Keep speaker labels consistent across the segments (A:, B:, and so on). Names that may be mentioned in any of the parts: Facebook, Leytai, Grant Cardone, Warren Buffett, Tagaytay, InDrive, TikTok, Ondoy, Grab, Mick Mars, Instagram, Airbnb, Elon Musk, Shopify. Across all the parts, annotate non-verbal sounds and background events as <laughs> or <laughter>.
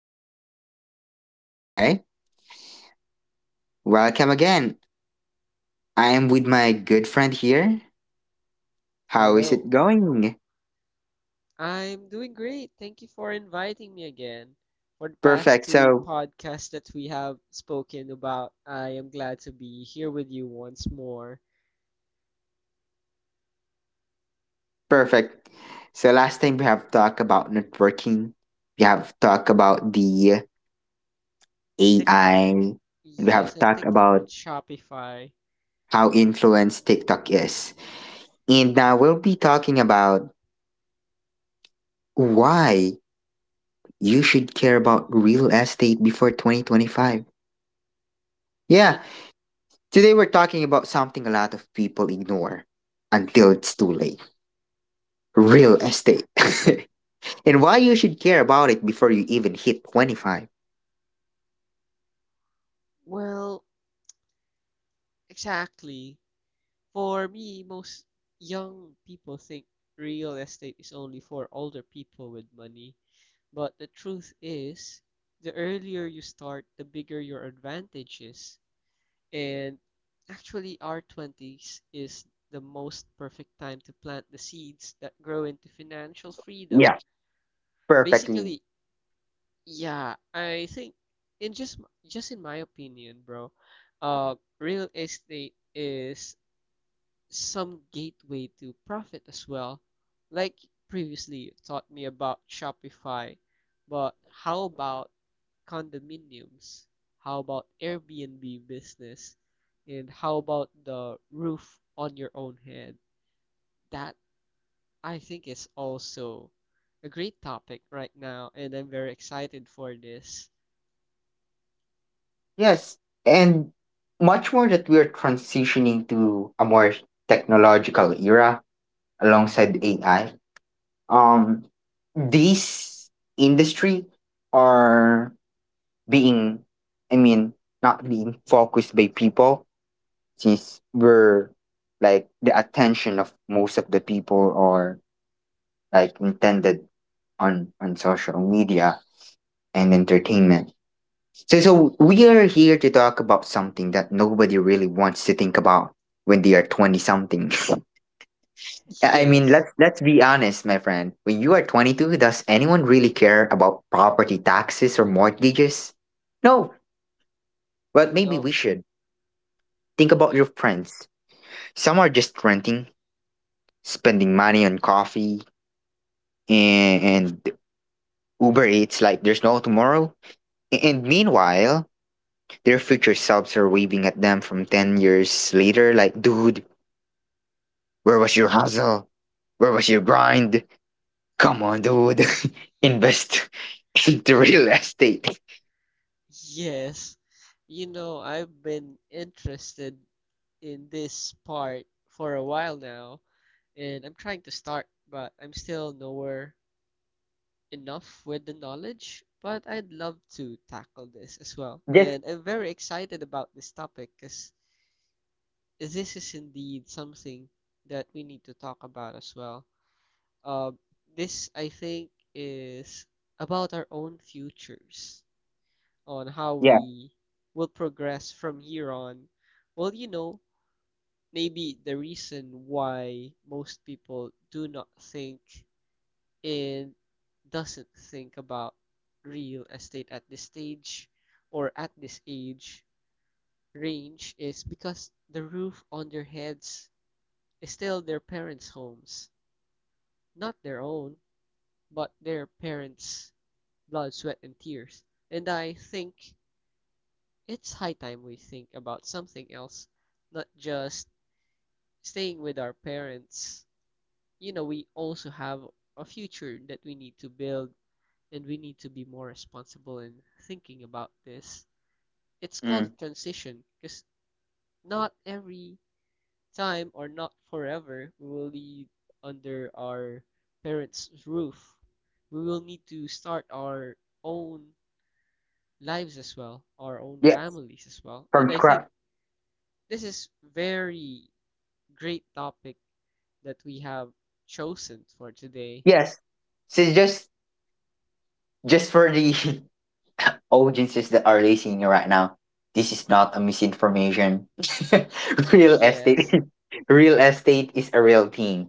A: podcast. Okay, welcome again. I am with my good friend here. How is it
B: Hello.
A: going?
B: I'm doing great. Thank you for inviting me again. For the past
A: Perfect.
B: two podcasts that we have spoken about, I am glad to be here with you once more.
A: Perfect. So, last time we have talked about networking, we have talked about the AI,
B: TikTok.
A: and we
B: Yes,
A: have
B: and
A: talked
B: TikTok and
A: about
B: Shopify.
A: how influenced TikTok is. And now we'll be talking about why you should care about real estate before 2025. Yeah,
B: Twen-
A: today we're talking about something a lot of people ignore until it's too late, real estate. <laughs> And why you should care about it before you even hit 25.
B: Well, exactly. For me, most young people think real estate is only for older people with money. But the truth is, the earlier you start, the bigger your advantage is. And actually, our 20s is the most perfect time to plant the seeds that grow into financial freedom.
A: Yeah, perfectly.
B: Basically, yeah, I think in just in my opinion, bro, real estate is some gateway to profit as well. Like previously, you taught me about Shopify, but how about condominiums? How about Airbnb business? And how about the roof on your own head? That I think is also a great topic right now, and I'm very excited for this.
A: Yes, and much more that we're transitioning to a more technological era alongside AI. Um, these industry are being, I mean, not being focused by people, since we're like the attention of most of the people are like intended on social media and entertainment. So we are here to talk about something that nobody really wants to think about when they are 20 something. <laughs> I mean,
B: Yes,
A: let's be honest, my friend, when you are 22, does anyone really care about property taxes or mortgages? No. Well, maybe
B: no,
A: we should think about
B: y-
A: your friends. Some are just renting, spending money on coffee and Uber Eats like there's no tomorrow. And meanwhile, their future selves are waving at them from 10 years later like, dude, where was your hustle? Where was your grind? Come on, dude. <laughs> Invest <laughs> into real estate.
B: yes. You know, I've been interested in this part for a while now, and I'm trying to start, but I'm still nowhere enough with the knowledge. But I'd love to tackle this as well.
A: Just
B: And I'm very excited about this topic because this is indeed something that we need to talk about as well. Um, this, I think, is about our own futures on how
A: yeah.
B: we will progress from here on. Well, you know, maybe the reason why most people do not think and doesn't think about real estate at this stage or at this age range is because the roof on their heads is still their parents' homes, not their own, but their parents' blood, sweat, and tears. And I think it's high time we think about something else, not just staying with our parents. You know, we also have a future that we need to build and we need to be more responsible in thinking about this. It's called
A: Mm.
B: a transition because not every time or not forever we will be under our parents' roof. We will need to start our own lives as well, our own
A: Yes.
B: families as well. And
A: From
B: I think
A: scratch.
B: this is very great topic that we have chosen for today.
A: Yes. So just For the <laughs> audiences that are listening right now, this is not a misinformation. <laughs> Real estate,
B: Yes.
A: <laughs> real estate is a real thing.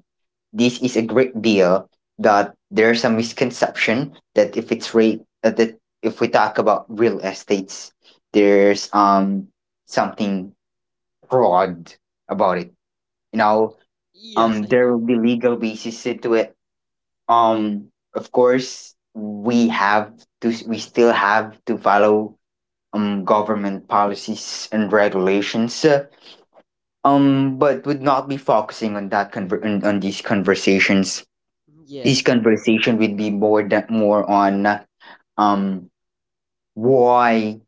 A: This is a great deal. That there's a misconception that if it's rate that if we talk about real estates, there's something fraud about it. You know,
B: Yes, I
A: there
B: know.
A: will be legal basis to it. Of course, we still have to follow government policies and regulations, but would not be focusing on that on these conversations. This
B: Yes.
A: conversation would be more more on um, why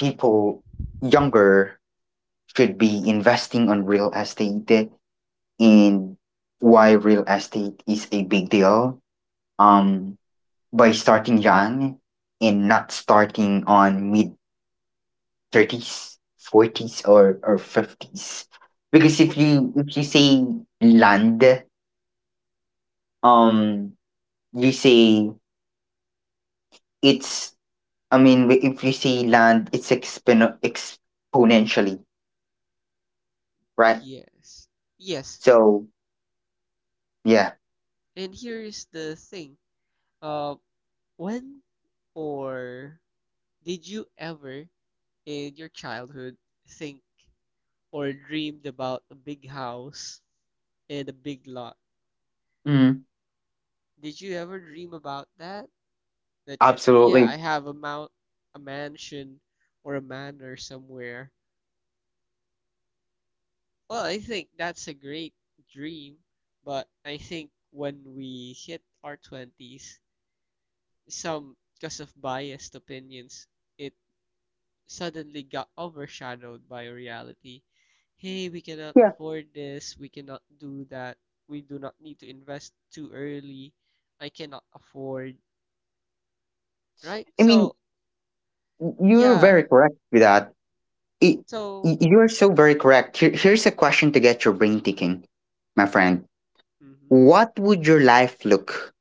A: people younger should be investing on real estate, and why real estate is a big deal. Um, by starting young and not starting on mid 30s, 40s or 50s, because if
B: Wh-
A: you if you say land, um you say it's, if you say land, it's exponentially, right?
B: yes. Yes.
A: So yeah.
B: And here's the thing. Uh, when or did you ever in your childhood think or dreamed about a big house and a big lot?
A: Mm,
B: Did you ever dream about that? That you, yeah, I
A: absolutely.
B: have a mount, a mansion or a manor somewhere. Well, I think that's a great dream, but I think when we hit our 20s, some, because of biased opinions, it suddenly got overshadowed by reality. Hey, we cannot
A: Yeah,
B: afford this, we cannot do that, we do not need to invest too early, I cannot afford, right?
A: I mean,
B: So,
A: you're very
B: yeah,
A: correct with that. It,
B: so,
A: you're so very correct. Here, here's a question to get your brain thinking, my friend.
B: hmm,
A: what would your life look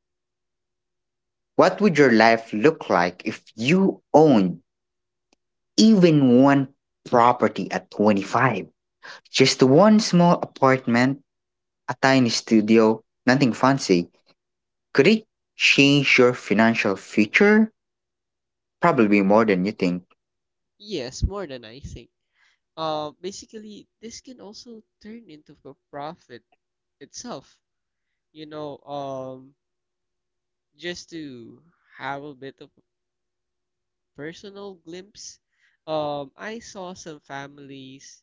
A: What would your life look like if you owned even one property at 25? Just one small apartment, a tiny studio, nothing fancy. Could it change your financial future? Probably more than you think.
B: yes, more than I think. Basically this can also turn into a profit itself. Um, just to have a bit of a personal glimpse, I saw some families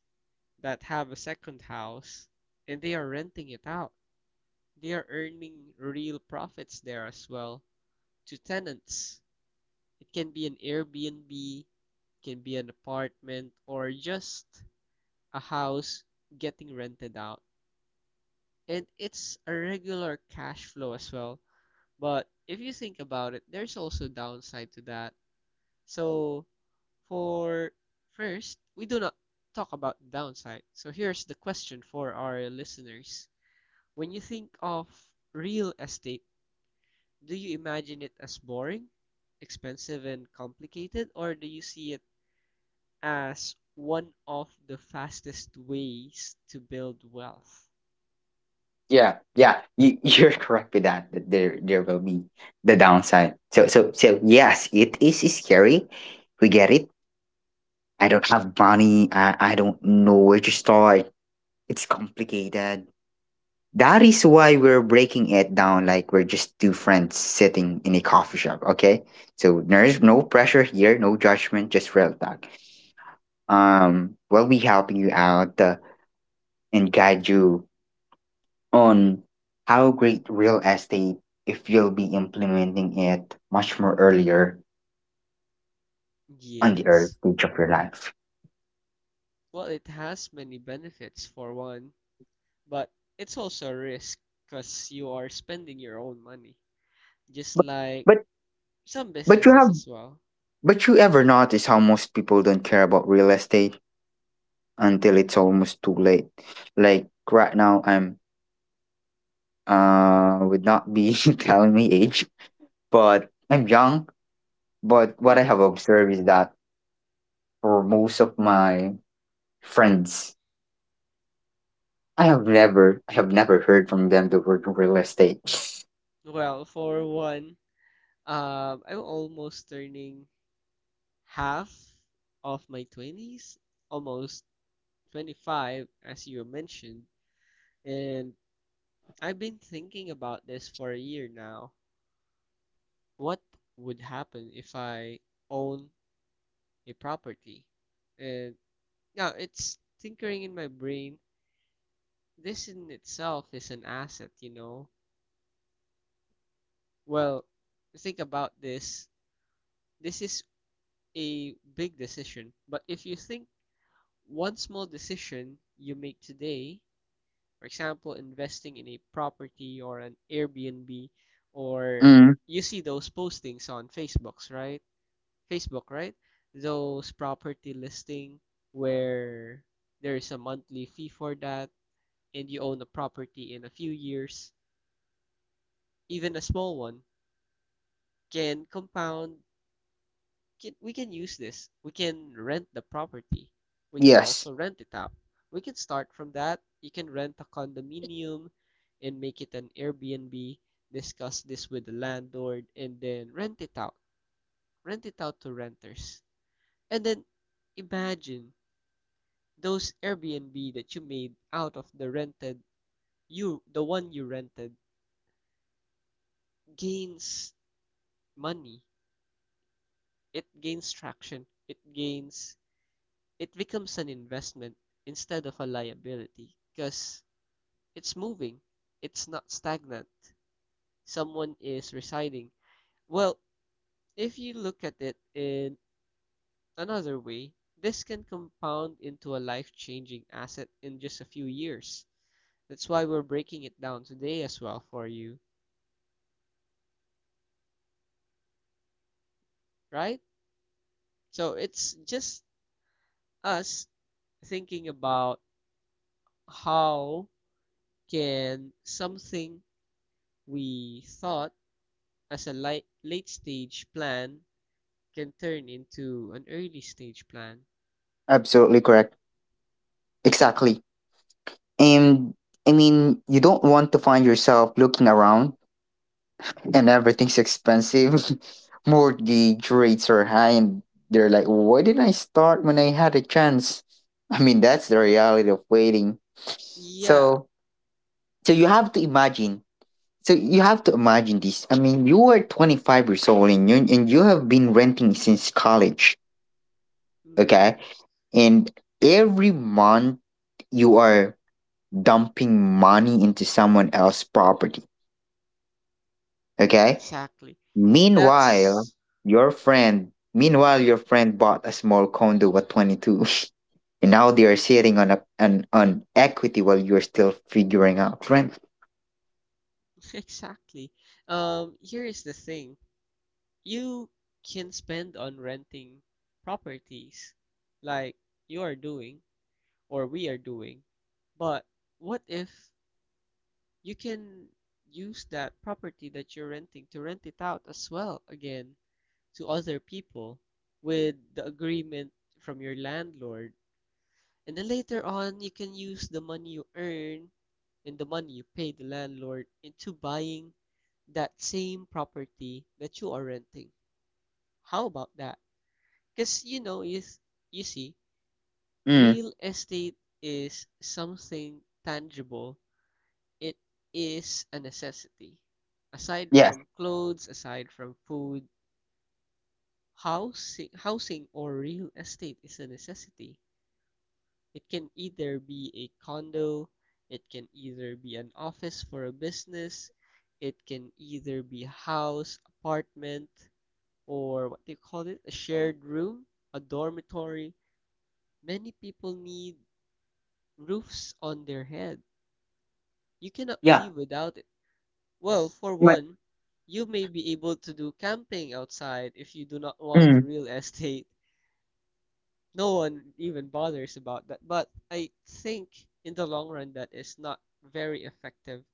B: that have a second house and they are renting it out. They are earning real profits there as well, to tenants. It can be an Airbnb, can be an apartment or just a house getting rented out, and it's a regular cash flow as well. But if you think about it, there's also downside to that. So for first, we do not talk about the downside. So here's the question for our listeners. When you think of real estate, do you imagine it as boring, expensive and complicated, or do you see it as one of the fastest ways to build wealth?
A: Yeah, yeah, you, <laughs> you're correct with that. That there will be the downside. So yes, it is scary. We get it. I don't have money. I don't know where to start. It's complicated. That is why we're breaking it down like we're just two friends sitting in a coffee shop, okay? So there's no pressure here, no judgment, just real talk. We'll be helping you out, and guide you on how great real estate if you'll be implementing it much more earlier on the early
B: Yes.
A: stage of your life.
B: Well, it has many benefits for one, but it's also a risk because you are spending your own money, just
A: But
B: like
A: but
B: some
A: but you
B: businesses
A: have,
B: as well.
A: but you ever notice how most people don't care about real estate until it's almost too late? Like right now, I'm, would not be <laughs> telling me age, but I'm young. But what I have
B: Hmm.
A: observed is that for most of my friends, I have never heard from them the word real estate. <laughs>
B: Well, for one, I'm almost turning half of my 20s, almost 25, as you mentioned, and I've been thinking about this for a year now. What would happen if I own a property? And now it's tinkering in my brain. This in itself is an asset, you know. Well, think about this. This is a big decision, but if you think one small decision you make today, for example, investing in a property or an Airbnb, or
A: Mm,
B: you see those postings on Facebooks, right? Facebook, right? Those property listing where there is a monthly fee for that and you own a property in a few years, even a small one, can compound. We can use this. We can rent the property. We can
A: yes,
B: also rent it out. We can start from that. You can rent a condominium and make it an Airbnb. Discuss this with the landlord and then rent it out. Rent it out to renters. And then imagine those Airbnb that you made out of the rented, you the one you rented, gains money, it gains traction, it gains, it becomes an investment instead of a liability because it's moving, it's not stagnant. Someone is residing. Well, if you look at it in another way, this can compound into a life changing asset in just a few years. That's why we're breaking it down today as well for you, right? So it's just us thinking about how can something we thought as a late stage plan can turn into an early stage plan.
A: absolutely correct. Exactly. And I mean, you don't want to find yourself looking around and everything's expensive. <laughs> Mortgage rates are high, and they're like, why didn't I start when I had a chance? <laughs> I mean, that's the reality of waiting.
B: Yeah,
A: So, so, you have to imagine. You have to imagine this. I mean, you are 25 years old, and you have been renting since college.
B: hmm,
A: Okay, and every month you are dumping money into someone else's property. Okay.
B: exactly.
A: Meanwhile,
B: That's
A: your
B: hmm,
A: friend bought a small condo at 22, <laughs> and now they are sitting on a an on equity while you're still figuring out rent.
B: <laughs> exactly. Here is the thing. You can spend on renting properties like you are doing or we are doing, but what if you can use that property that you're renting to rent it out as well again? To other people with the agreement from your landlord. And then later on, you can use the money you earn and the money you pay the landlord into buying that same property that you are renting. How about that? Because you know, is you see,
A: Mm.
B: real estate is something tangible. It is a necessity. Aside
A: Yes.
B: from clothes, aside from food, housing or real estate is a necessity. It can either be a condo, it can either be an office for a business, it can either be a house, apartment, or what they call it? A shared room, a dormitory. Many people need roofs on their head. You cannot
A: Yeah.
B: live without it. Well, for
A: My.
B: one, you may be able to do camping outside if you do not want
A: Mm,
B: real <laughs> estate. No one even bothers about that. But I think in the long run that is not very effective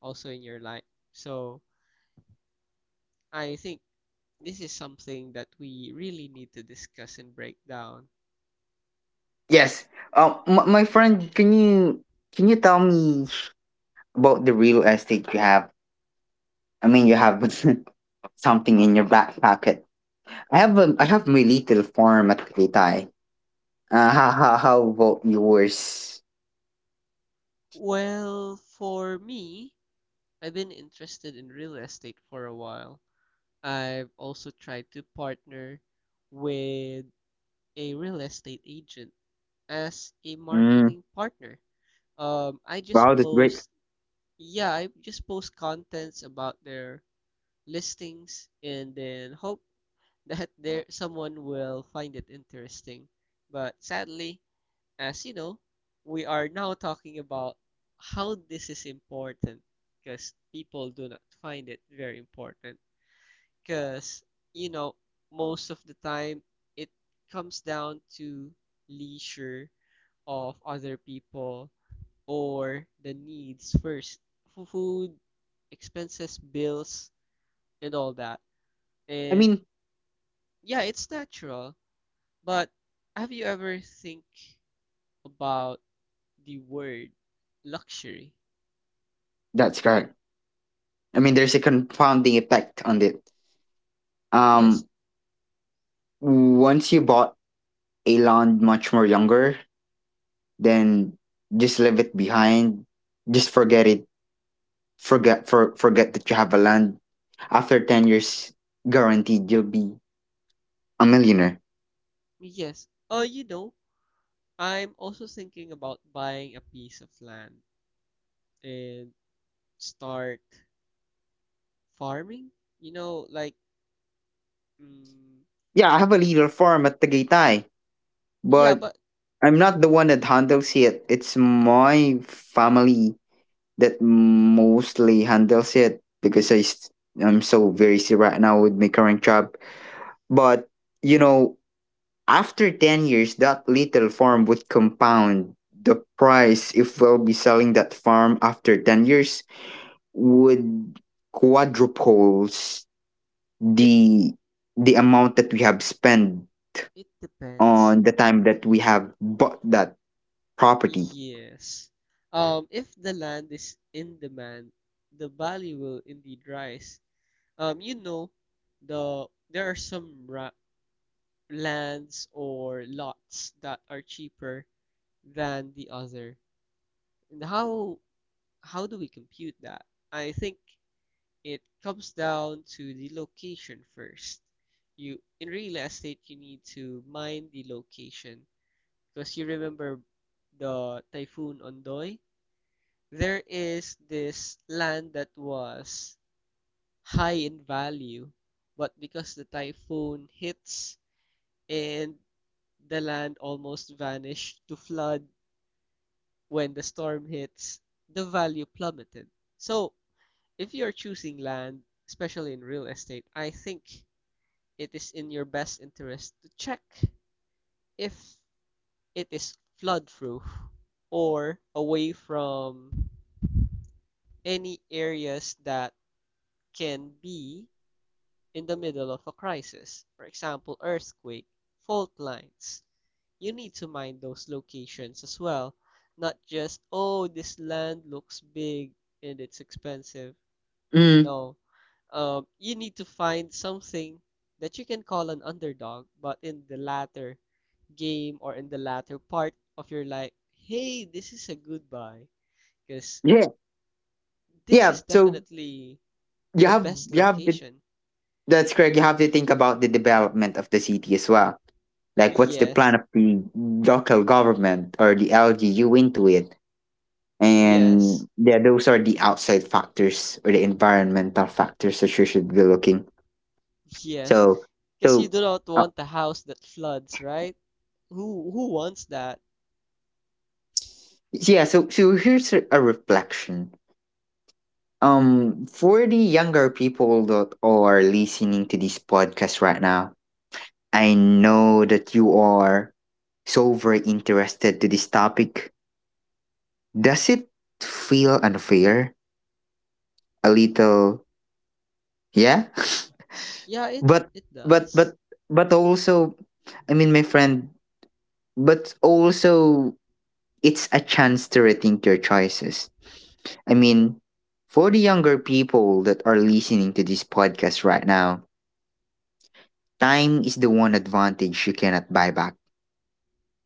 B: also in your life. So I think this is something that we really need to discuss and break down.
A: yes. My friend, can you, tell me about the real estate you have? I mean, you have <laughs> something in your back pocket. I have my little farm at Leytai. How about yours?
B: Well, for me, I've been interested in real estate for a while. I've also tried to partner with a real estate agent as a
A: Mm,
B: marketing partner. I just
A: wow, that's great.
B: post Yeah, I just post contents about their listings and then hope that there someone will find it interesting. But sadly, as you know, we are now talking about how this is important because people do not find it very important. Because, you know, most of the time it comes down to leisure of other people or the needs first. Food, expenses, bills, and all that,
A: I
B: and
A: mean,
B: yeah it's natural, but have you ever think about the word luxury?
A: that's correct. I mean, there's a confounding effect on it. Um,
B: Yes.
A: Once you bought a land much more younger, then just leave it behind. Just forget it. Forget that you have a land. After 10 years, guaranteed you'll be a millionaire.
B: Yes, oh you know I'm also thinking about buying a piece of land and start farming, you know, like, mm,
A: Yeah, I have a little farm at Tagaytay,
B: yeah
A: but
B: but
A: I'm not the one that handles it. It's my family that mostly handles it because I'm so very busy right now with my current job. But you know, after 10 years, that little farm would compound the price. If we'll be selling that farm after 10 years, would quadruples
B: it
A: the the amount that we have spent
B: it depends.
A: on the time that we have bought that property.
B: Yes. If the land is in demand, the value will indeed rise. You know, there are some lands or lots that are cheaper than the other. And how do we compute that? I think it comes down to the location first. You in real estate, you need to mind the location because you remember the typhoon Ondoy. There is this land that was high in value, but because the typhoon hits and the land almost vanished to flood when the storm hits, the value plummeted. So, if you are choosing land, especially in real estate, I think it is in your best interest to check if it is flood proof or away from any areas that can be in the middle of a crisis, for example, earthquake, fault lines, you need to mind those locations as well. Not just, oh, this land looks big and it's expensive.
A: Mm,
B: No. You need to find something that you can call an underdog, but in the latter game or in the latter part of your life, hey, this is a good buy because
A: yeah,
B: this
A: yeah.
B: is
A: So
B: definitely the best
A: you have to
B: location.
A: That's correct. You have to think about the development of the city as well. Like, what's the
B: Yes,
A: plan of the local government or the LGU into it? And
B: yes.
A: yeah, those are the outside factors or the environmental factors that you should be looking.
B: Yes,
A: So,
B: because you
A: so
B: do not
A: uh,
B: want a house that floods, right? Who wants that?
A: yeah. So, so here's a reflection. For the younger people that are listening to this podcast right now, I know that you are so very interested to this topic. Does it feel unfair? A little, yeah. <laughs>
B: Yeah, it
A: But
B: it
A: but
B: does.
A: but but also, I mean, my friend. But also, it's a chance to rethink your choices. I mean, for the younger people that are listening to this podcast right now, time is the one advantage you cannot buy back.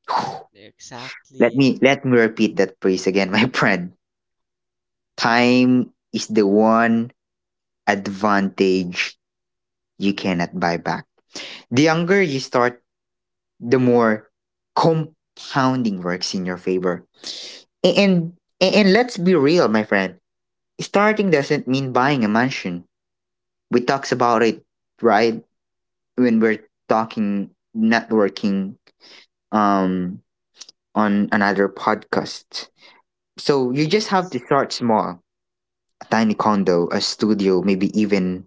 A: <sighs> Let
B: Exactly.
A: me let me repeat that phrase again, <laughs> my friend. Time is the one advantage you cannot buy back. The younger you start, the more compounding works in your favor. A- And and let's be real, my friend. Starting doesn't mean buying a mansion. We talks about it, right? When we're talking networking um on another podcast. So you just have to
B: Yes.
A: start small. A tiny condo, a studio, maybe even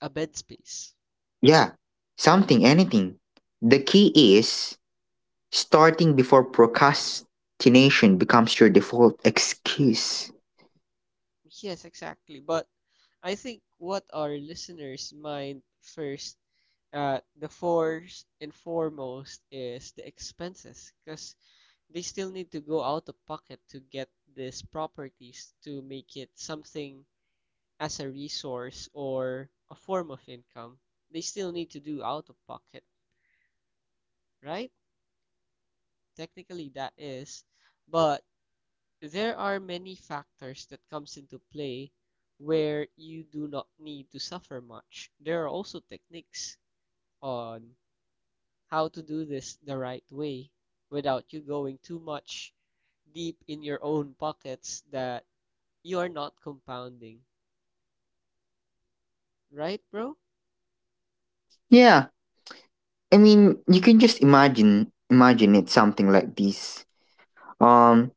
B: A bed space.
A: yeah, something, anything. The key is starting before procrastination becomes your default excuse.
B: Yes, exactly. But I think what our listeners mind first, the first and foremost is the expenses, because they still need to go out of pocket to get these properties to make it something as a resource or a form of income, they still need to do out of pocket, right? Technically, that is, but there are many factors that comes into play where you do not need to suffer much. There are also techniques on how to do this the right way without you going too much deep in your own pockets that you are not compounding, right, bro?
A: Yeah, I mean, you can just imagine it something like this. Um,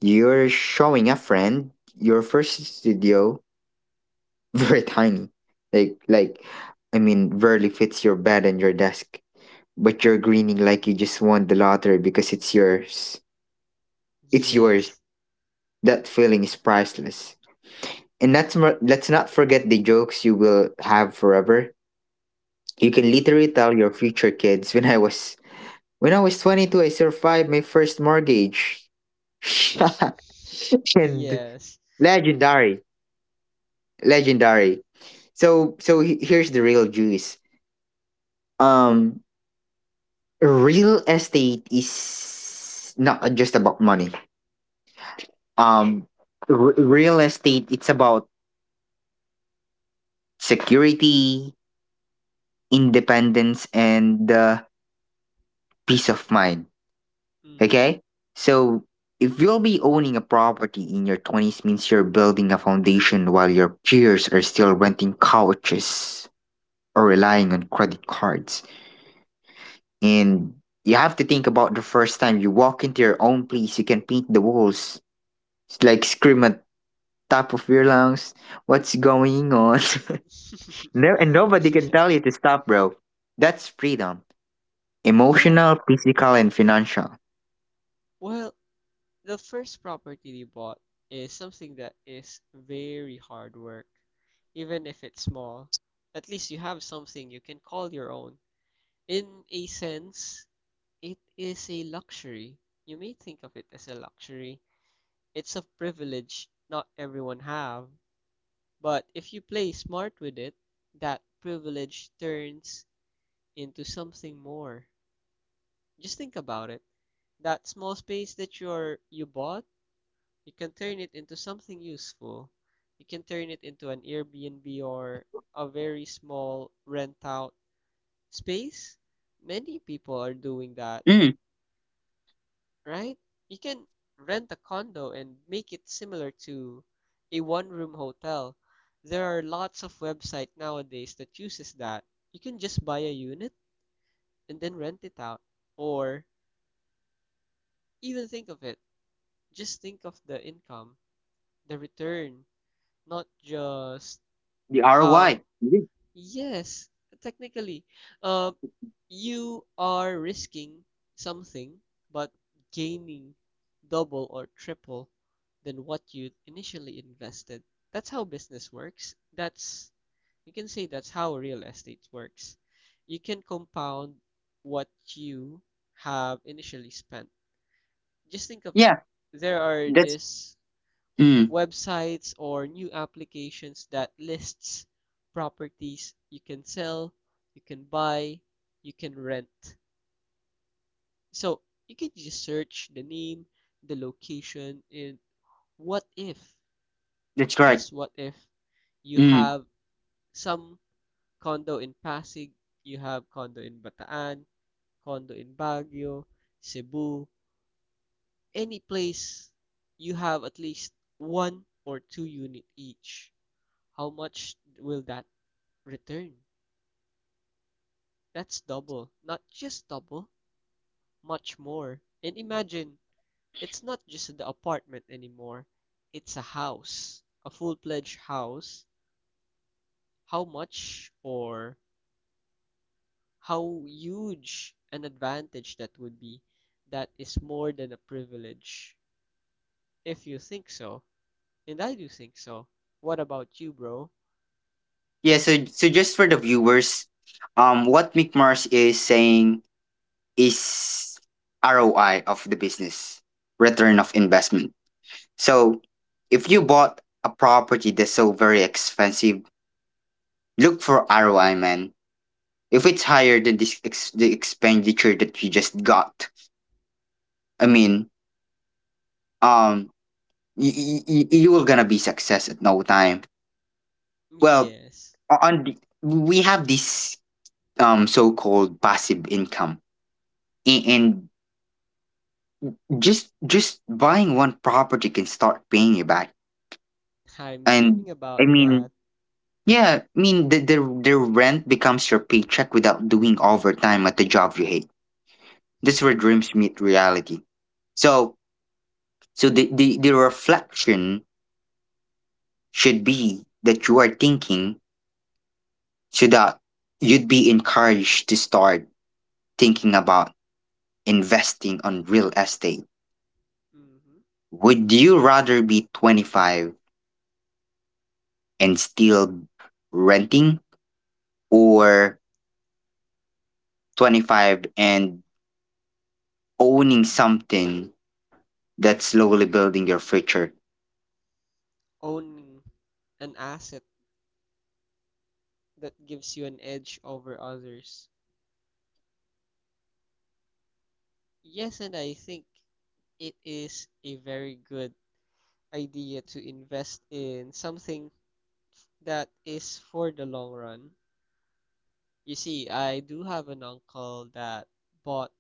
A: you're showing a friend your first studio, <laughs> very tiny. Like like I mean, barely fits your bed and your desk, but you're grinning like you just won the lottery because it's yours. It's yours.
B: Yes.
A: That feeling is priceless. And that's, let's not forget the jokes you will have forever. You can literally
B: Mm-hmm.
A: tell your future kids, when I was, 22, I survived my first mortgage. <laughs> And
B: <laughs> Yes.
A: legendary, legendary. Here's the real juice. Um Real estate is not just about money. Um Real estate, it's about security, independence, and peace of mind.
B: Mhm.
A: Okay? So, if you'll be owning a property in your 20s means you're building a foundation while your peers are still renting couches or relying on credit cards. And you have to think about the first time you walk into your own place, you can paint the walls. It's like scream at top of your lungs, what's going on?
B: <laughs>
A: <laughs> No, and nobody can
B: Yeah.
A: tell you to stop, bro. That's freedom.
B: Yeah.
A: Emotional, physical, and financial.
B: Well, the first property they bought is something that is very hard work. Even if it's small, at least you have something you can call your own. In a sense, it is a luxury. You may think of it as a luxury. It's a privilege not everyone have, but if you play smart with it, that privilege turns into something more. Just think about it. That small space that you bought, you can turn it into something useful. You can turn it into an Airbnb or a very small rent out space. Many people are doing that,
A: Mm.
B: right? You can rent a condo and make it similar to a one room hotel. There are lots of websites nowadays that uses that. You can just buy a unit and then rent it out or even think of it. Just think of the income, the return, not just
A: The ROI.
B: how. Yes, technically, uh, you are risking something but gaining double or triple than what you initially invested. That's how business works. That's, you can say, that's how real estate works. You can compound what you have initially spent. Just think of it.
A: Yeah,
B: There are
A: that's.
B: this
A: Mm.
B: websites or new applications that lists properties you can sell, you can buy, you can rent. So you can just search the name, the location, and what if,
A: That's correct.
B: just what if you
A: Mm.
B: have some condo in Pasig, you have condo in Bataan, condo in Baguio, Cebu, any place you have at least one or two unit each. How much will that return? That's double. Not just double, much more. And imagine, it's not just the apartment anymore. It's a house. A full-fledged house. How much or how huge an advantage that would be. That is more than a privilege. If you think so. And I do think so. What about you, bro?
A: Yeah, so, so just for the viewers, what Mick Mars is saying is ROI of the business, return of investment. So if you bought a property that's so very expensive, look for ROI, man. If it's higher than the expenditure that you just got, I mean, um, you will gonna be success at no time. Well,
B: Yes.
A: we have this so-called passive income. A- and Just buying one property can start paying you back,
B: <laughs> I'm
A: and,
B: dreaming
A: I
B: about that.
A: mean, yeah, I mean, the rent becomes your paycheck without doing overtime at the job you hate. This is where dreams meet reality. So, so the reflection should be that you are thinking, so that you'd be encouraged to start thinking about investing on real estate.
B: Hmm.
A: Would you rather be 25 and still renting, or 25 and owning something that's slowly building your future.
B: Owning an asset that gives you an edge over others. Yes, and I think it is a very good idea to invest in something that is for the long run. You see, I do have an uncle that bought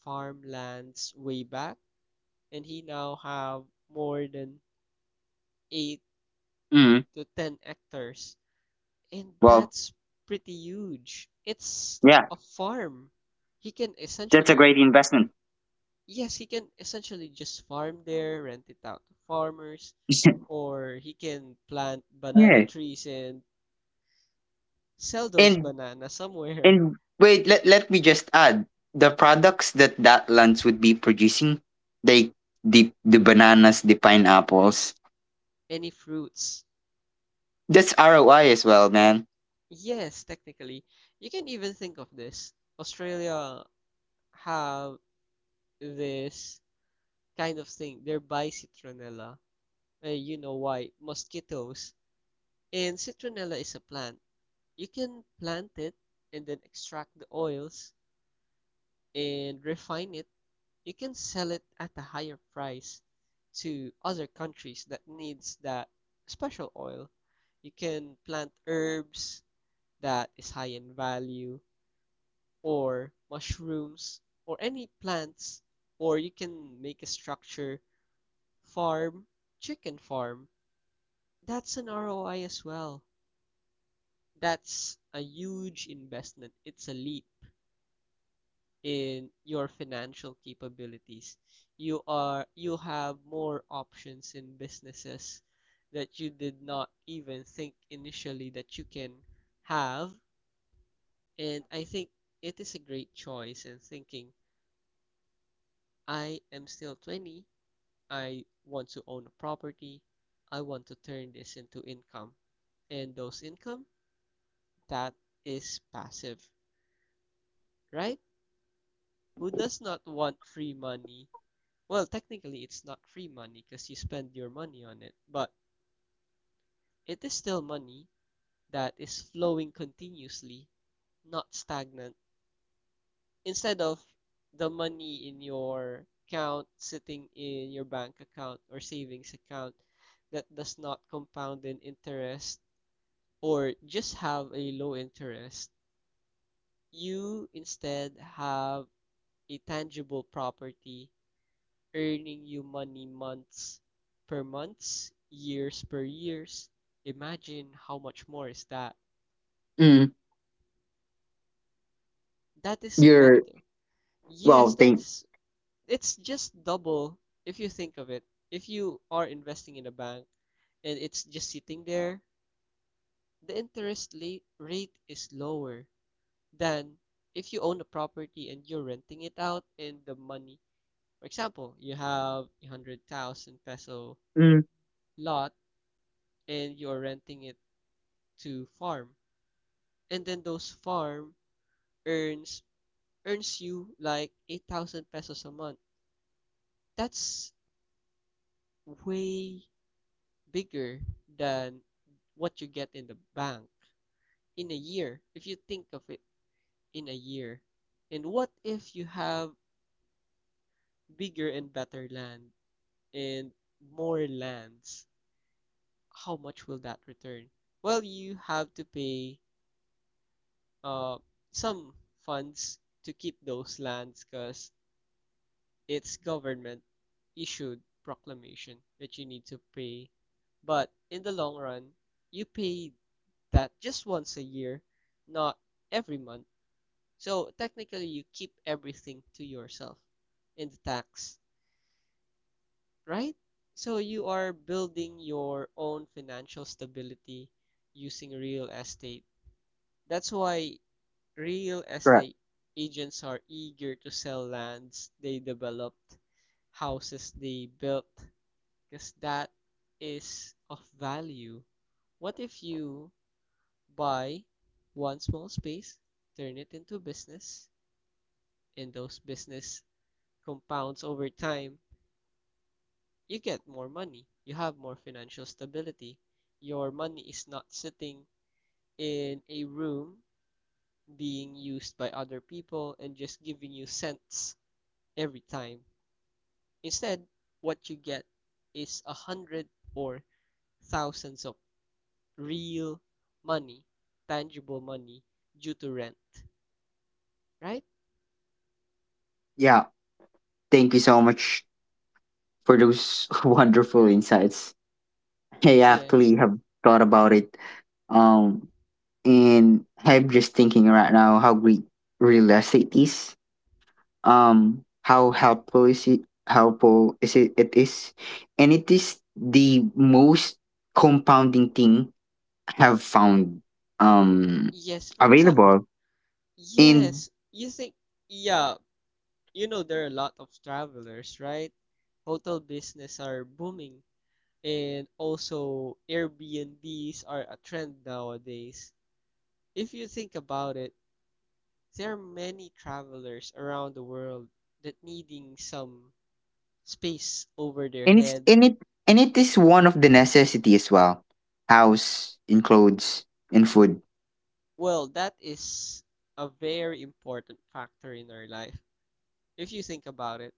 B: farmlands way back, and he now have more than 8
A: Mm.
B: to 10 hectares, and
A: Well,
B: that's pretty huge. It's
A: yeah,
B: a farm. He can
A: that's a
B: essentially,
A: great investment.
B: yes, he can essentially just farm there, rent it out to farmers,
A: <laughs>
B: or he can plant banana
A: Yeah.
B: trees and sell those
A: And
B: bananas somewhere.
A: and wait, let me just add the products that that lands would be producing, they the bananas, the pineapples.
B: <laughs> Any fruits.
A: That's ROI as well, man.
B: Yes, technically. You can even think of this. Australia have this kind of thing. They're by citronella. You know why? Mosquitoes. And citronella is a plant. You can plant it and then extract the oils and refine it, you can sell it at a higher price to other countries that needs that special oil. You can plant herbs that is high in value or mushrooms or any plants, or you can make a structure farm, chicken farm. That's an ROI as well. That's a huge investment. It's a leap in your financial capabilities. You have more options in businesses that you did not even think initially that you can have. And I think it is a great choice. And thinking, I am still 20, I want to own a property, I want to turn this into income. And those income, that is passive, right? Who does not want free money? Well, technically, it's not free money because you spend your money on it, but it is still money that is flowing continuously, not stagnant. Instead of the money in your account sitting in your bank account or savings account that does not compound in interest or just have a low interest, you instead have a tangible property earning you money months per months, years per years. Imagine how much more is that.
A: Mm.
B: That is
A: You're
B: better.
A: well,
B: Yes,
A: thank
B: that's, it's just double if you think of it. If you are investing in a bank and it's just sitting there, the interest late rate is lower than if you own a property and you're renting it out and the money. For example, you have a 100,000 peso
A: mm,
B: lot and you're renting it to farm and then those farm earns earns you like 8,000 pesos a month. That's way bigger than what you get in the bank in a year if you think of it, in a year. And what if you have bigger and better land and more lands? How much will that return? Well, you have to pay uh some funds to keep those lands because it's government issued proclamation that you need to pay. But in the long run, you pay that just once a year, not every month. So technically, you keep everything to yourself in the tax, right? So you are building your own financial stability using real estate. That's why real
A: Correct.
B: estate agents are eager to sell lands they developed, houses they built, because that is of value. What if you buy one small space, turn it into business, and those business compounds over time? You get more money, you have more financial stability. Your money is not sitting in a room being used by other people and just giving you cents every time. Instead, what you get is a hundred or thousands of real money, tangible money due to rent, right?
A: Yeah. Thank you so much for those <laughs> wonderful insights. I actually
B: Yes.
A: have thought about it. Um, and I'm just thinking right now how great real estate is. How helpful is it? It is, and it is the most compounding thing I have found um
B: Yes, for example,
A: available. And
B: yes, you think, yeah, you know, there are a lot of travelers, right? Hotel business are booming, and also Airbnbs are a trend nowadays. If you think about it, there are many travelers around the world that needing some space over their
A: and it's
B: head.
A: and it and it is one of the necessity as well. House, in clothes, and food.
B: Well, that is a very important factor in our life. If you think about it,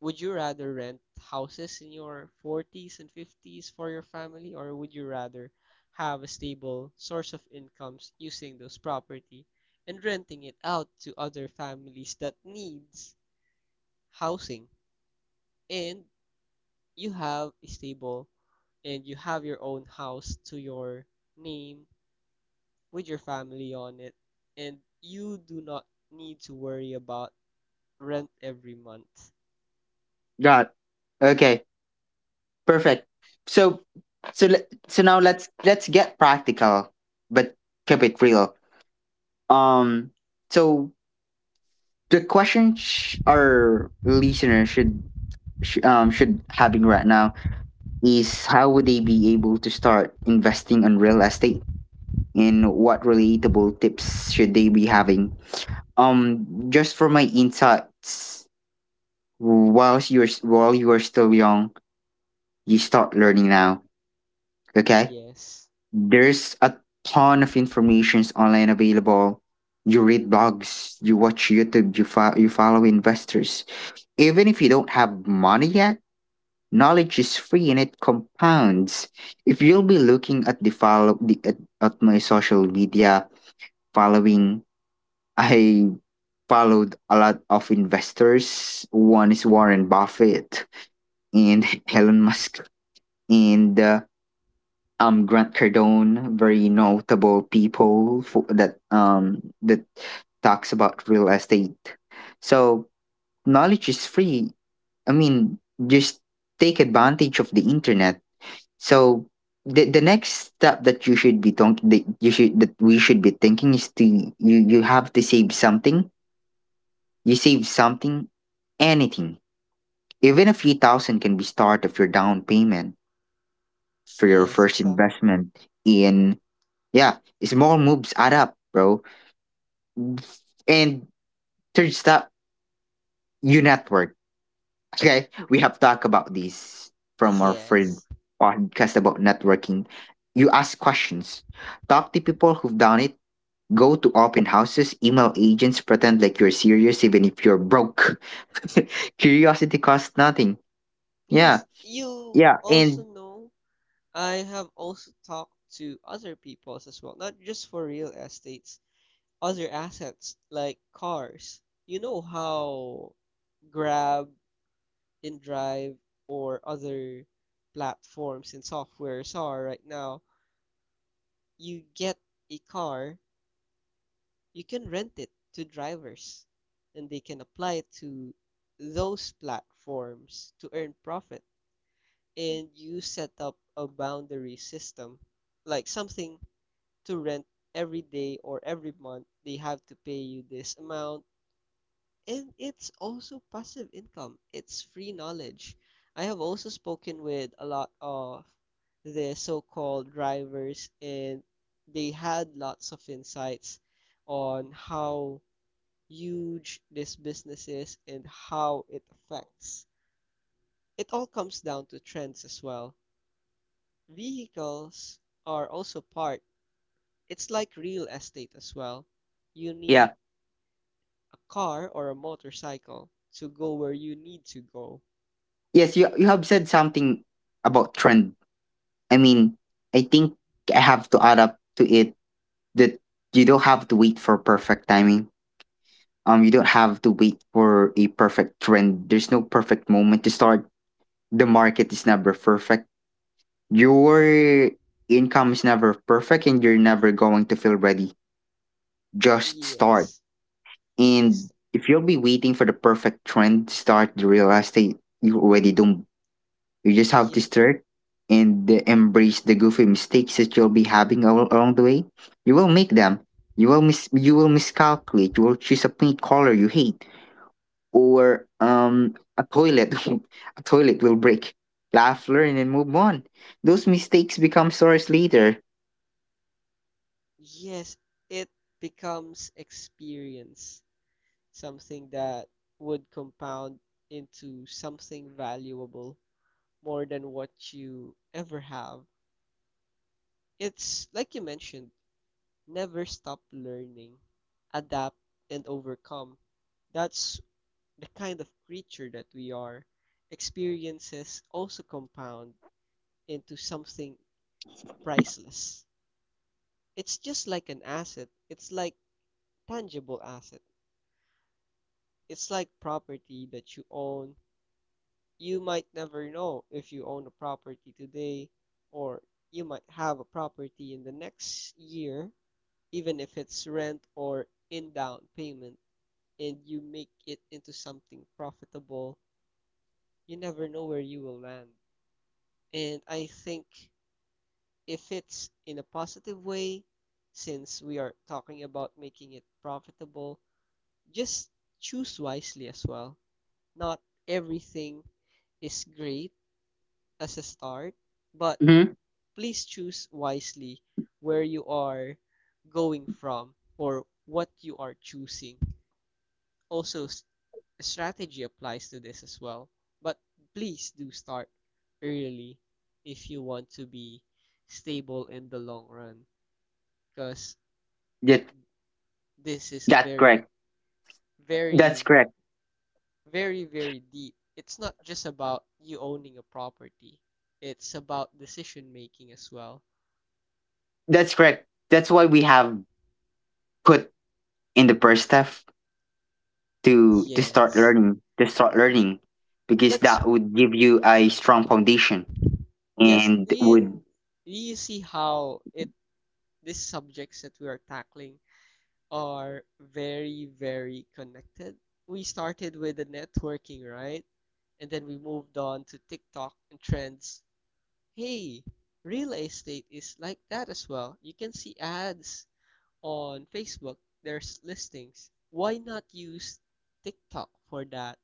B: would you rather rent houses in your 40s and 50s for your family, or would you rather have a stable source of incomes using those property and renting it out to other families that needs housing? And you have a stable and you have your own house to your name with your family on it, and you do not need to worry about rent every month.
A: Got Okay. Perfect. So so now let's get practical, but keep it real. Um. So the question, our listeners should having right now is how would they be able to start investing on real estate, and what relatable tips should they be having? Just for my insights, while you are still young, you start learning now. Okay,
B: Yes.
A: there's a ton of informations online available. You read blogs, you watch YouTube, you follow investors. Even if you don't have money yet, knowledge is free and it compounds. If you'll be looking at the at my social media following, I followed a lot of investors. One is Warren Buffett and <laughs> Elon Musk, and Grant Cardone, very notable people for, that that talks about real estate. So knowledge is free. I mean, just take advantage of the internet. So the next step that you should be th- that you should that we should be thinking is to you you have to save something. You save something, anything. Even a few thousand can be start of your down payment for your
B: Yes,
A: first
B: exactly.
A: investment in Yeah, small moves add up, bro. And third stop, you network. Okay, we have talked about this from our friend
B: Yes.
A: podcast about networking. You ask questions, talk to people who've done it, go to open houses, email agents, pretend like you're serious even if you're broke. <laughs> Curiosity costs nothing. Yeah,
B: Yes, you
A: yeah,
B: also
A: and
B: know, I have also talked to other people as well, not just for real estates, other assets like cars. You know how Grab, InDrive, or other platforms and softwares are right now. You get a car, you can rent it to drivers and they can apply it to those platforms to earn profit, and you set up a boundary system like something to rent every day or every month they have to pay you this amount, and it's also passive income, it's free knowledge. I have also spoken with a lot of the so-called drivers and they had lots of insights on how huge this business is and how it affects. It all comes down to trends as well. Vehicles are also part, it's like real estate as well. You
A: yeah,
B: need a car or a motorcycle to go where you need to go.
A: yes, you have said something about trend. I mean, I think I have to add up to it that you don't have to wait for perfect timing. You don't have to wait for a perfect trend. There's no perfect moment to start. The market is never perfect. Your income is never perfect, and you're never going to feel ready. Just start.
B: Yes,
A: And
B: just
A: if you'll be waiting for the perfect trend to start the real estate, you already don't you just have to
B: yes,
A: start and embrace the goofy mistakes that you'll be having along the way. You will make them. You will miscalculate. You will choose a paint color you hate or a toilet <laughs> a toilet will break. Laugh, learn, and move on. Those mistakes become stories later.
B: yes, it becomes experience, something that would compound into something valuable more than what you ever have. It's like you mentioned, never stop learning, adapt, and overcome. That's the kind of creature that we are. Experiences also compound into something priceless. It's just like an asset, it's like tangible asset. It's like property that you own. You might never know if you own a property today, or you might have a property in the next year even if it's rent or in down payment, and you make it into something profitable, you never know where you will land. And I think if it's in a positive way, since we are talking about making it profitable, just choose wisely as well. Not everything is great as a start, but
A: Mm-hmm.
B: please choose wisely where you are going from or what you are choosing. Also, strategy applies to this as well. But please do start early if you want to be stable in the long run, because
A: That,
B: this is a
A: that's
B: very,
A: correct. That's
B: very,
A: correct.
B: very, very deep. It's not just about you owning a property, it's about decision making as well.
A: That's correct. That's why we have put in the first step to to start
B: Yes.
A: learning to start learning because
B: That's,
A: that would give you a strong foundation
B: yes,
A: and would
B: do you see how it, these subjects that we are tackling are very, very connected. We started with the networking, right? And then we moved on to TikTok and trends. Hey, real estate is like that as well. You can see ads on Facebook, there's listings. Why not use TikTok for that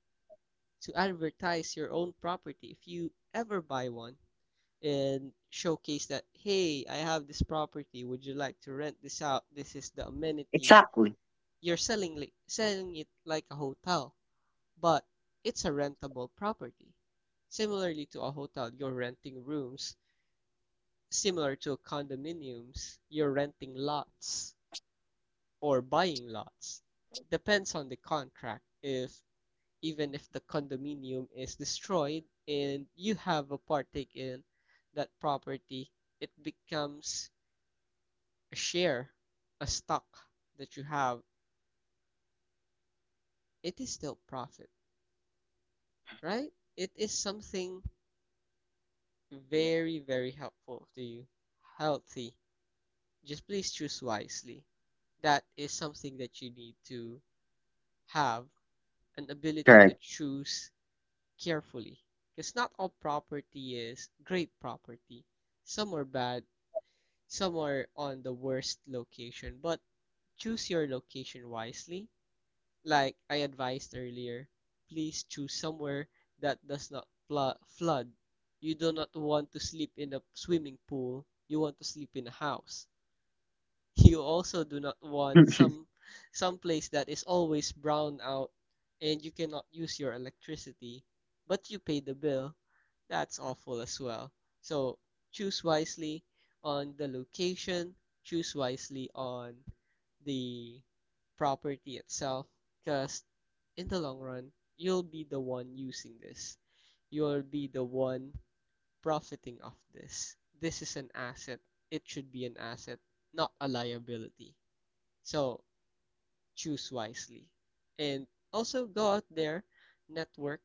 B: to advertise your own property if you ever buy one and showcase that, hey, I have this property. Would you like to rent this out? This is the amenities,
A: exactly
B: you're selling it like a hotel, but it's a rentable property. Similarly to a hotel, you're renting rooms. Similar to condominiums, you're renting lots or buying lots. Depends on the contract. If even if the condominium is destroyed and you have a partake in that property, it becomes a share, a stock that you have. It is still profit, right? It is something very, very helpful to you. Healthy. Just please choose wisely. That is something that you need to have an ability to
A: correct.
B: choose carefully. Because not all property is great property. Some are bad, some are on the worst location, but choose your location wisely like I advised earlier, please choose somewhere that does not flood. You do not want to sleep in a swimming pool, you want to sleep in a house. You also do not want some
A: <laughs>
B: some place that is always brown out and you cannot use your electricity, but you pay the bill. That's awful as well. So choose wisely on the location, choose wisely on the property itself, because in the long run, you'll be the one using this. You'll be the one profiting off this. This is an asset. It should be an asset, not a liability. So choose wisely. And also go out there, network,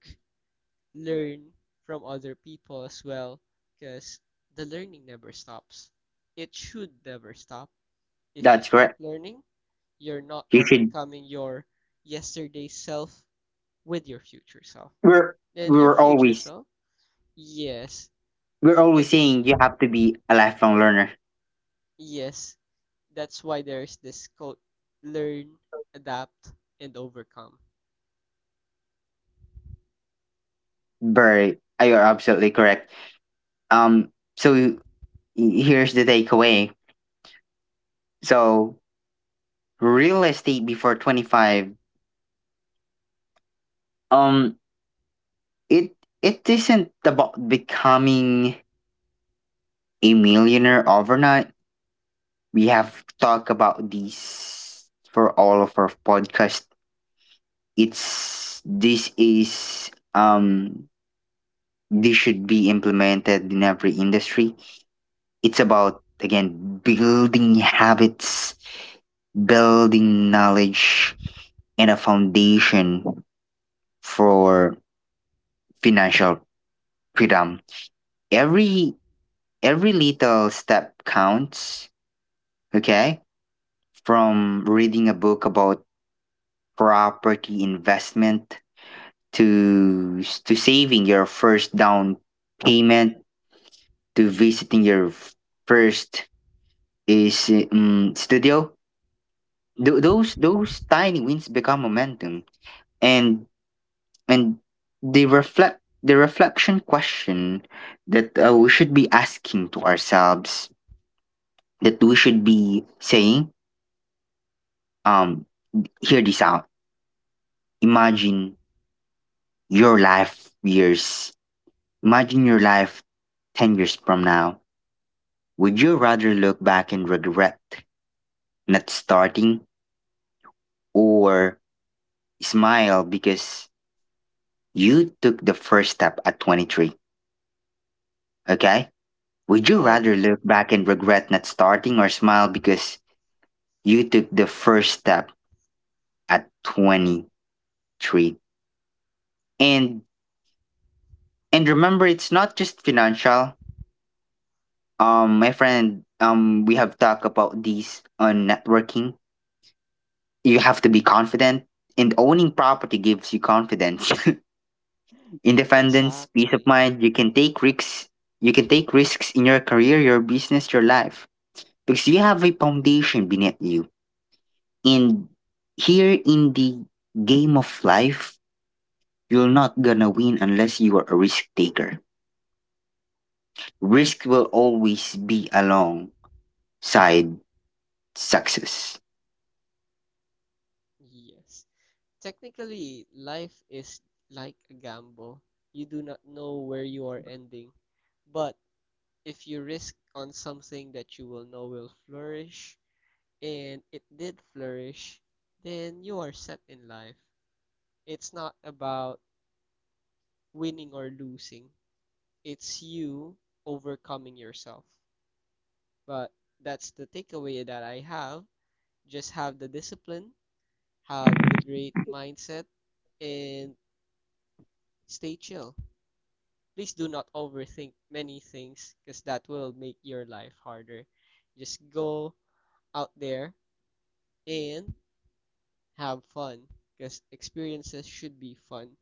B: learn from other people as well, because the learning never stops. It should never stop. If you
A: That's
B: stop
A: correct.
B: learning, you're not
A: You should
B: overcoming your yesterday self with your future self.
A: we're
B: And your
A: we're
B: future
A: always
B: self, yes,
A: we're
B: it
A: always
B: is
A: saying you have to be a lifelong learner.
B: yes, that's why there's this quote, learn, adapt, and overcome.
A: Very You're absolutely correct. um so y- Here's the takeaway. So real estate before 25, um it it isn't about becoming a millionaire overnight. We have talked about these for all of our podcast. It's this is This should be implemented in every industry. It's about again building habits, building knowledge, and a foundation for financial freedom. Every every little step counts, okay? From reading a book about property investment to saving your first down payment to visiting your first is studio.
B: Mm-hmm.
A: Those tiny wins become momentum, and and they reflect the reflection question that we should be asking to ourselves, that we should be saying, um hear this out. imagine your life years Imagine your life 10 years from now. Would you rather look back and regret not starting, or smile because you took the first step at 23? Okay? Would you rather
B: Aladla.
A: look back and regret not starting or smile because you took the first step at 23? And and remember, it's not just financial. My friend, we have talked about these on networking. You have to be confident, and owning property gives you confidence. <laughs> Independence, peace of
B: Exactly.
A: mind, you can take risks. You can take risks in your career, your business, your life because you have a foundation beneath you. And here in the game of life, you're not gonna win unless you are a risk taker. Risk will always be alongside success.
B: Yes. Technically, life is like a gamble. You do not know where you are ending. But if you risk on something that you will know will flourish, and it did flourish, then you are set in life. It's not about winning or losing. It's you overcoming yourself. But that's the takeaway that I have. Just have the discipline, have the great mindset, and stay chill. Please do not overthink many things because that will make your life harder. Just go out there and have fun because experiences should be fun,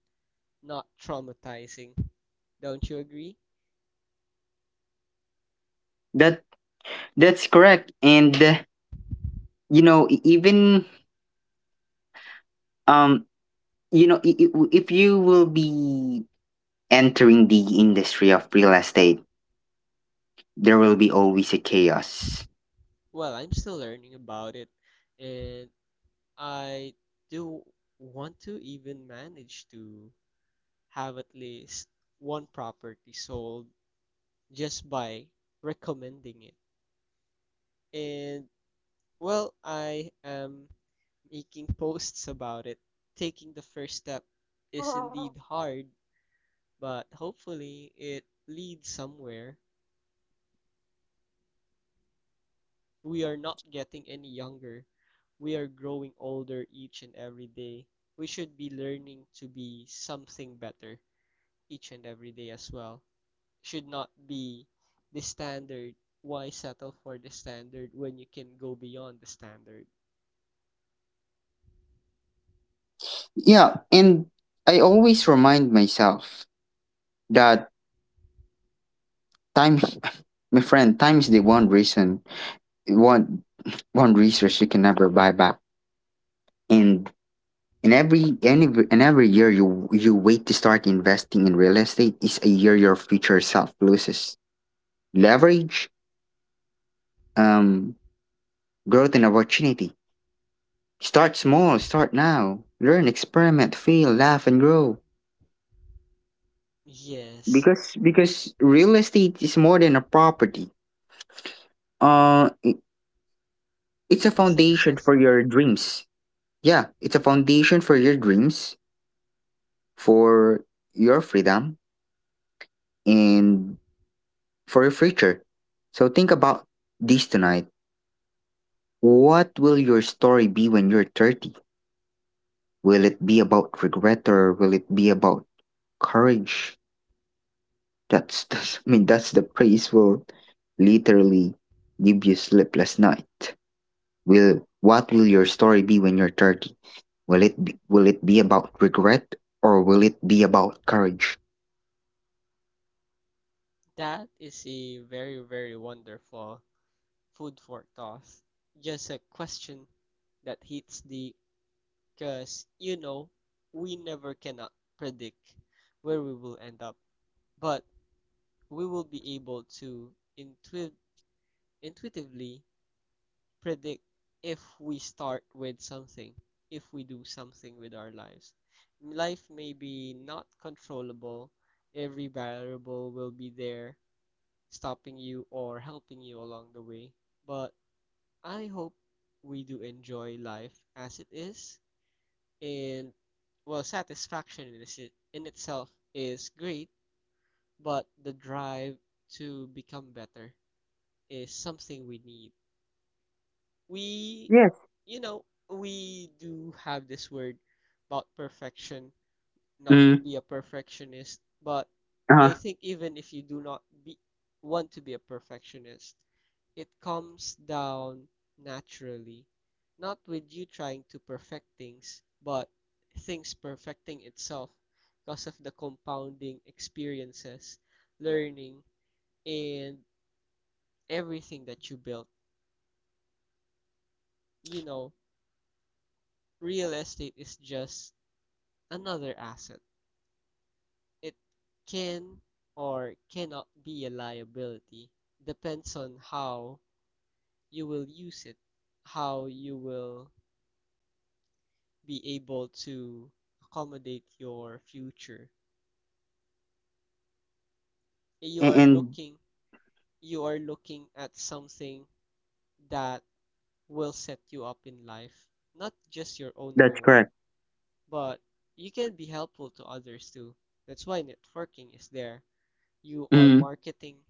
B: not traumatizing. Don't you agree?
A: That that's correct. And you know, e- even um, you know, I- If you will be entering the industry of real estate, there will be always a chaos.
B: Well, I'm still learning about it, and I do want to even manage to have at least one property sold just by recommending it. And well, I am making posts about it. Taking the first step is indeed hard, but hopefully it leads somewhere. We are not getting any younger. We are growing older each and every day. We should be learning to be something better each and every day as well. Should not be the standard. Why settle for the standard when you can go beyond the standard?
A: Yeah, and I always remind myself that time, <laughs> my friend, time is the one reason, one one resource you can never buy back. And in every any and every year you wait to start investing in real estate is a year your future self loses leverage, um, growth and opportunity. Start small, start now. Learn, experiment, fail, laugh, and grow.
B: Yes,
A: Because real estate is more than a property, uh i- it's a
B: it is a
A: foundation for
B: necessity.
A: your dreams. Yeah, it's a foundation for your dreams, for your freedom, and for your future. So think about this tonight: what will your story be when you're 30? Will it be about regret, or will it be about courage? <laughs> That's I mean that's the praise will literally give you sleepless night. Will What will your story be when you're 30? Will it be about regret or will it be about courage?
B: That is a very, very wonderful food for thought. Just a question that hits the because you know we never cannot predict where we will end up, but we will be able to intuit- intuitively predict if we start with something, if we do something with our lives. Life may be not controllable, every variable will be there, stopping you or helping you along the way. But I hope we do enjoy life as it is, and well, satisfaction in itself is great, but the drive to become better is something we need we
A: Yes.
B: You know, we do have this word about perfection, not
A: Mm.
B: be a perfectionist, but I
A: Uh-huh.
B: think even if you do not be want to be a perfectionist, it comes down naturally, not with you trying to perfect things, but things perfecting itself because of the compounding experiences, learning, and everything that you built. You know, real estate is just another asset. It can or cannot be a liability. Depends on how you will use it, how you will be able to accommodate your future. You are
A: And
B: looking you are looking at something that will set you up in life, not just your own
A: That's
B: home,
A: correct.
B: but you can be helpful to others too. That's why networking is there. You are
A: Mm.
B: marketing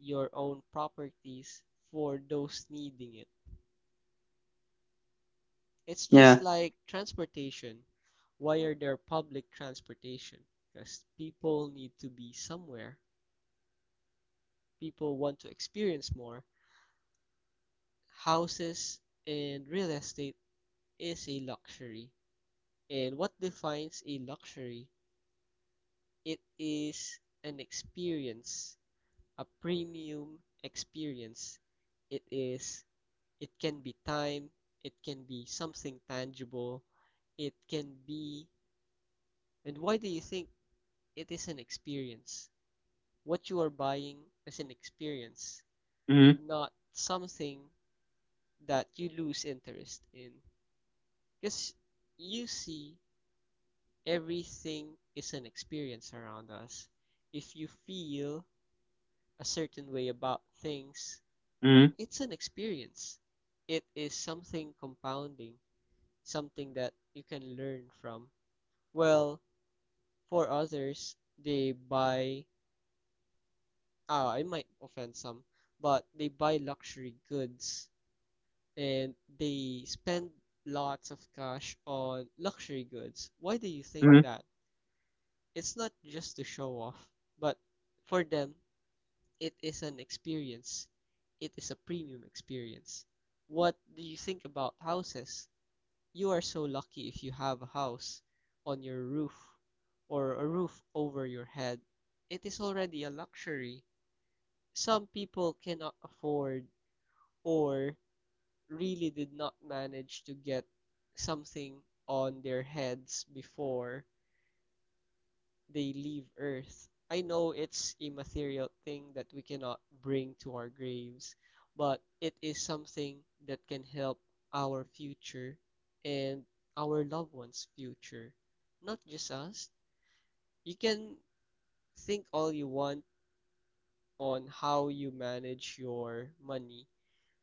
B: your own properties for those needing it. It's
A: Yeah.
B: just like transportation. Why are there public transportation? Because people need to be somewhere. People want to experience more. Houses and real estate is a luxury. And what defines a luxury? It is an experience, a premium experience. It is it can be time, it can be something tangible, it can be. And why do you think it is an experience? What you are buying is an experience,
A: Mm.
B: not something that you lose interest in. Because you see, everything is an experience around us. If you feel a certain way about things,
A: Mm.
B: it's an experience. It is something compounding, something that you can learn from. Well, for others, they buy, ah, I might offend some, but they buy luxury goods and they spend lots of cash on luxury goods. Why do you think
A: Mm.
B: that? It's not just to show off, but for them, it is an experience. It is a premium experience. What do you think about houses? You are so lucky if you have a house on your roof or a roof over your head. It is already a luxury. Some people cannot afford or really did not manage to get something on their heads before they leave Earth. I know it's a material thing that we cannot bring to our graves, but it is something that can help our future and our loved ones' future. Not just us. You can think all you want on how you manage your money,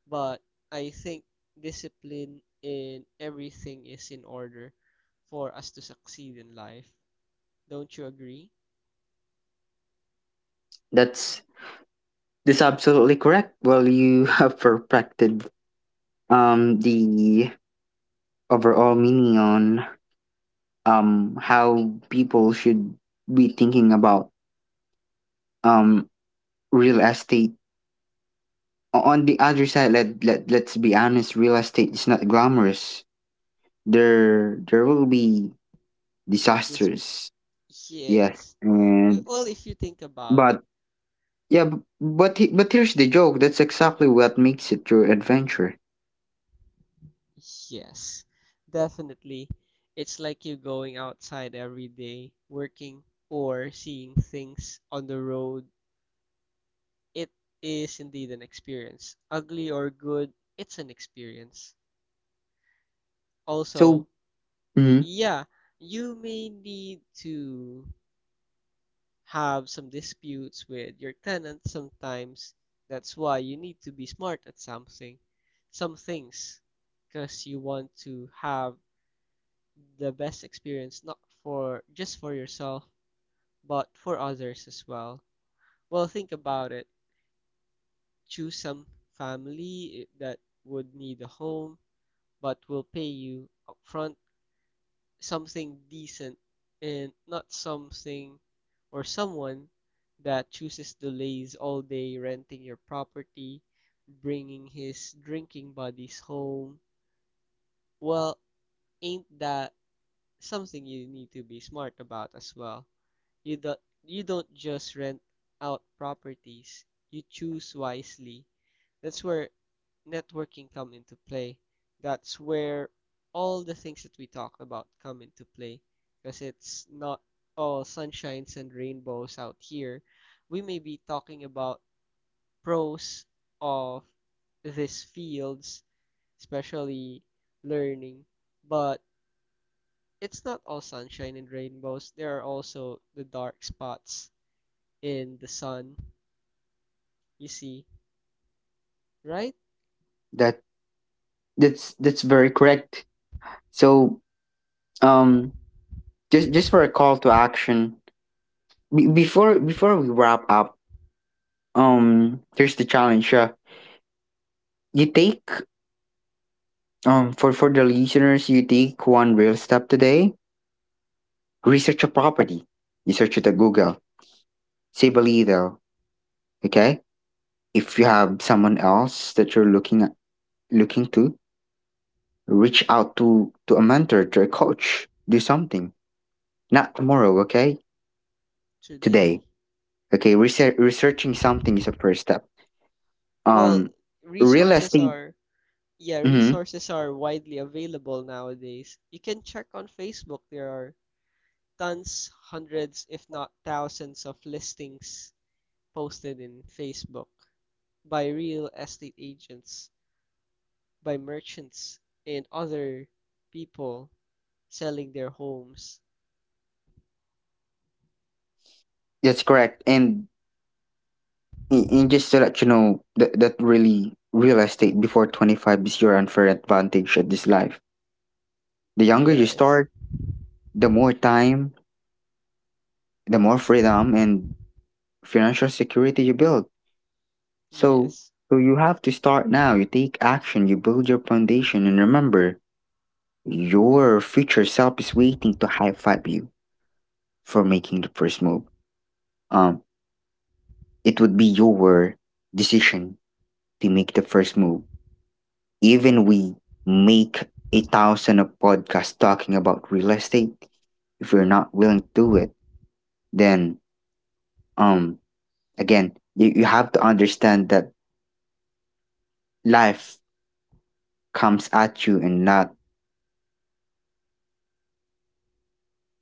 B: but I think discipline in everything is in order for us to succeed in life. Don't you agree?
A: That's This absolutely correct. Well, you <laughs> have perfected the overall meaning on how people should be thinking about um real estate. On the other side, let let's be honest, real estate is not glamorous. There will be
B: This
A: disasters, yes,
B: yes.
A: and
B: Well, if you think about it,
A: but yeah, but here's the joke: that's exactly what makes it your adventure.
B: yes, definitely. It's like you going outside every day, working or seeing things on the road. It is indeed an experience. Ugly or good, it's an experience.
A: so
B: Also,
A: mhm.
B: yeah, you may need to have some disputes with your tenant sometimes. That's why you need to be smart at something, some things, because you want to have the best experience not for just for yourself, but for others as well. Well, think about it. Choose some family eh, that would need a home but will pay you upfront something decent and not something or someone that chooses to laze all day renting your property, bringing his drinking buddies home. Well, ain't that something you need to be smart about as well? You don't just rent out properties, you choose wisely. That's where networking come into play. That's where all the things that we talked about come into play because it's not all sunshines and rainbows out here. We may be talking about pros of these fields, especially learning, but it's not all sunshine and rainbows. There are also the dark spots in the sun. You see, right
A: That that's that's very correct. So um just just for a call to action, be before before we wrap up, here's the challenge. Yeah, you take for the listeners, you take one real step today. Research a property, you search it at Google, save a little. Okay, if you have someone else that you're looking at, looking to reach out to a mentor, to a coach, do something, not tomorrow, okay? Today,
B: today,
A: okay? Researching something is a first step.
B: well,
A: Um real
B: resources
A: estate
B: are yeah,
A: Mhm.
B: resources are widely available nowadays. You can check on Facebook. There are tons, hundreds, if not thousands of listings posted in Facebook by real estate agents, by merchants, and other people selling their homes.
A: That's correct. And just to let you know that, that really real estate before 25 is your unfair advantage at this life. The younger you
B: Yes,
A: start, the more time, the more freedom and financial security you build. So,
B: yes,
A: so you have to start now. You take action, you build your foundation, and remember, your future self is waiting to high five you for making the first move. Um, it would be your decision to make the first move. Even we make a thousand of podcasts talking about real estate. If you're not willing to do it, then um again, you have to understand that life comes at you and not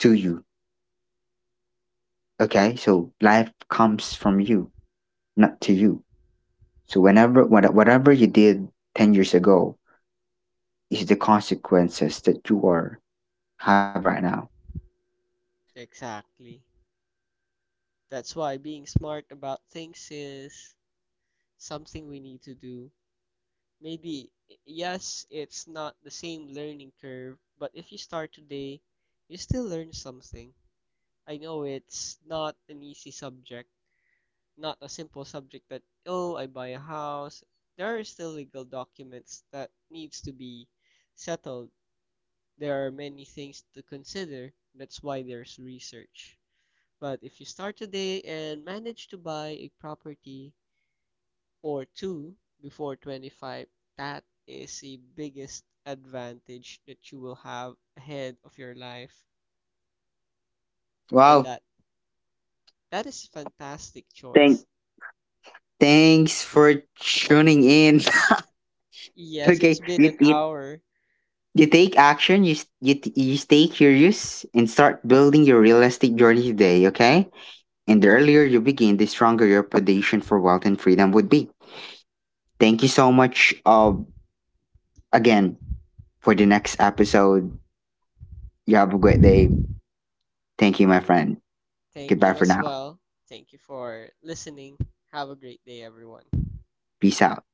A: to you. Okay, so life comes from you, not to you. So whatever you did 10 years ago is the consequences that you are having right now.
B: exactly. That's why being smart about things is something we need to do. Maybe, yes, it's not the same learning curve, but if you start today, you still learn something. I know it's not an easy subject, not a simple subject that, oh, I buy a house. There are still legal documents that needs to be settled. There are many things to consider. That's why there's research. But if you start today and manage to buy a property, or 2 before 25, that is the biggest advantage that you will have ahead of your life. And
A: Wow.
B: that is a fantastic
A: Thank
B: choice.
A: Thanks for tuning in. <laughs>
B: Yes, it's
A: Okay,
B: been an hour.
A: you take action, you you stay curious and start building your real estate journey today, okay? And the earlier you begin, the stronger your foundation for wealth and freedom would be. Thank you so much, again. For the next episode, you have a great day. Thank you, my friend.
B: Thank
A: Goodbye
B: you
A: for
B: as
A: now.
B: well. Thank you for listening. Have a great day, everyone.
A: Peace out.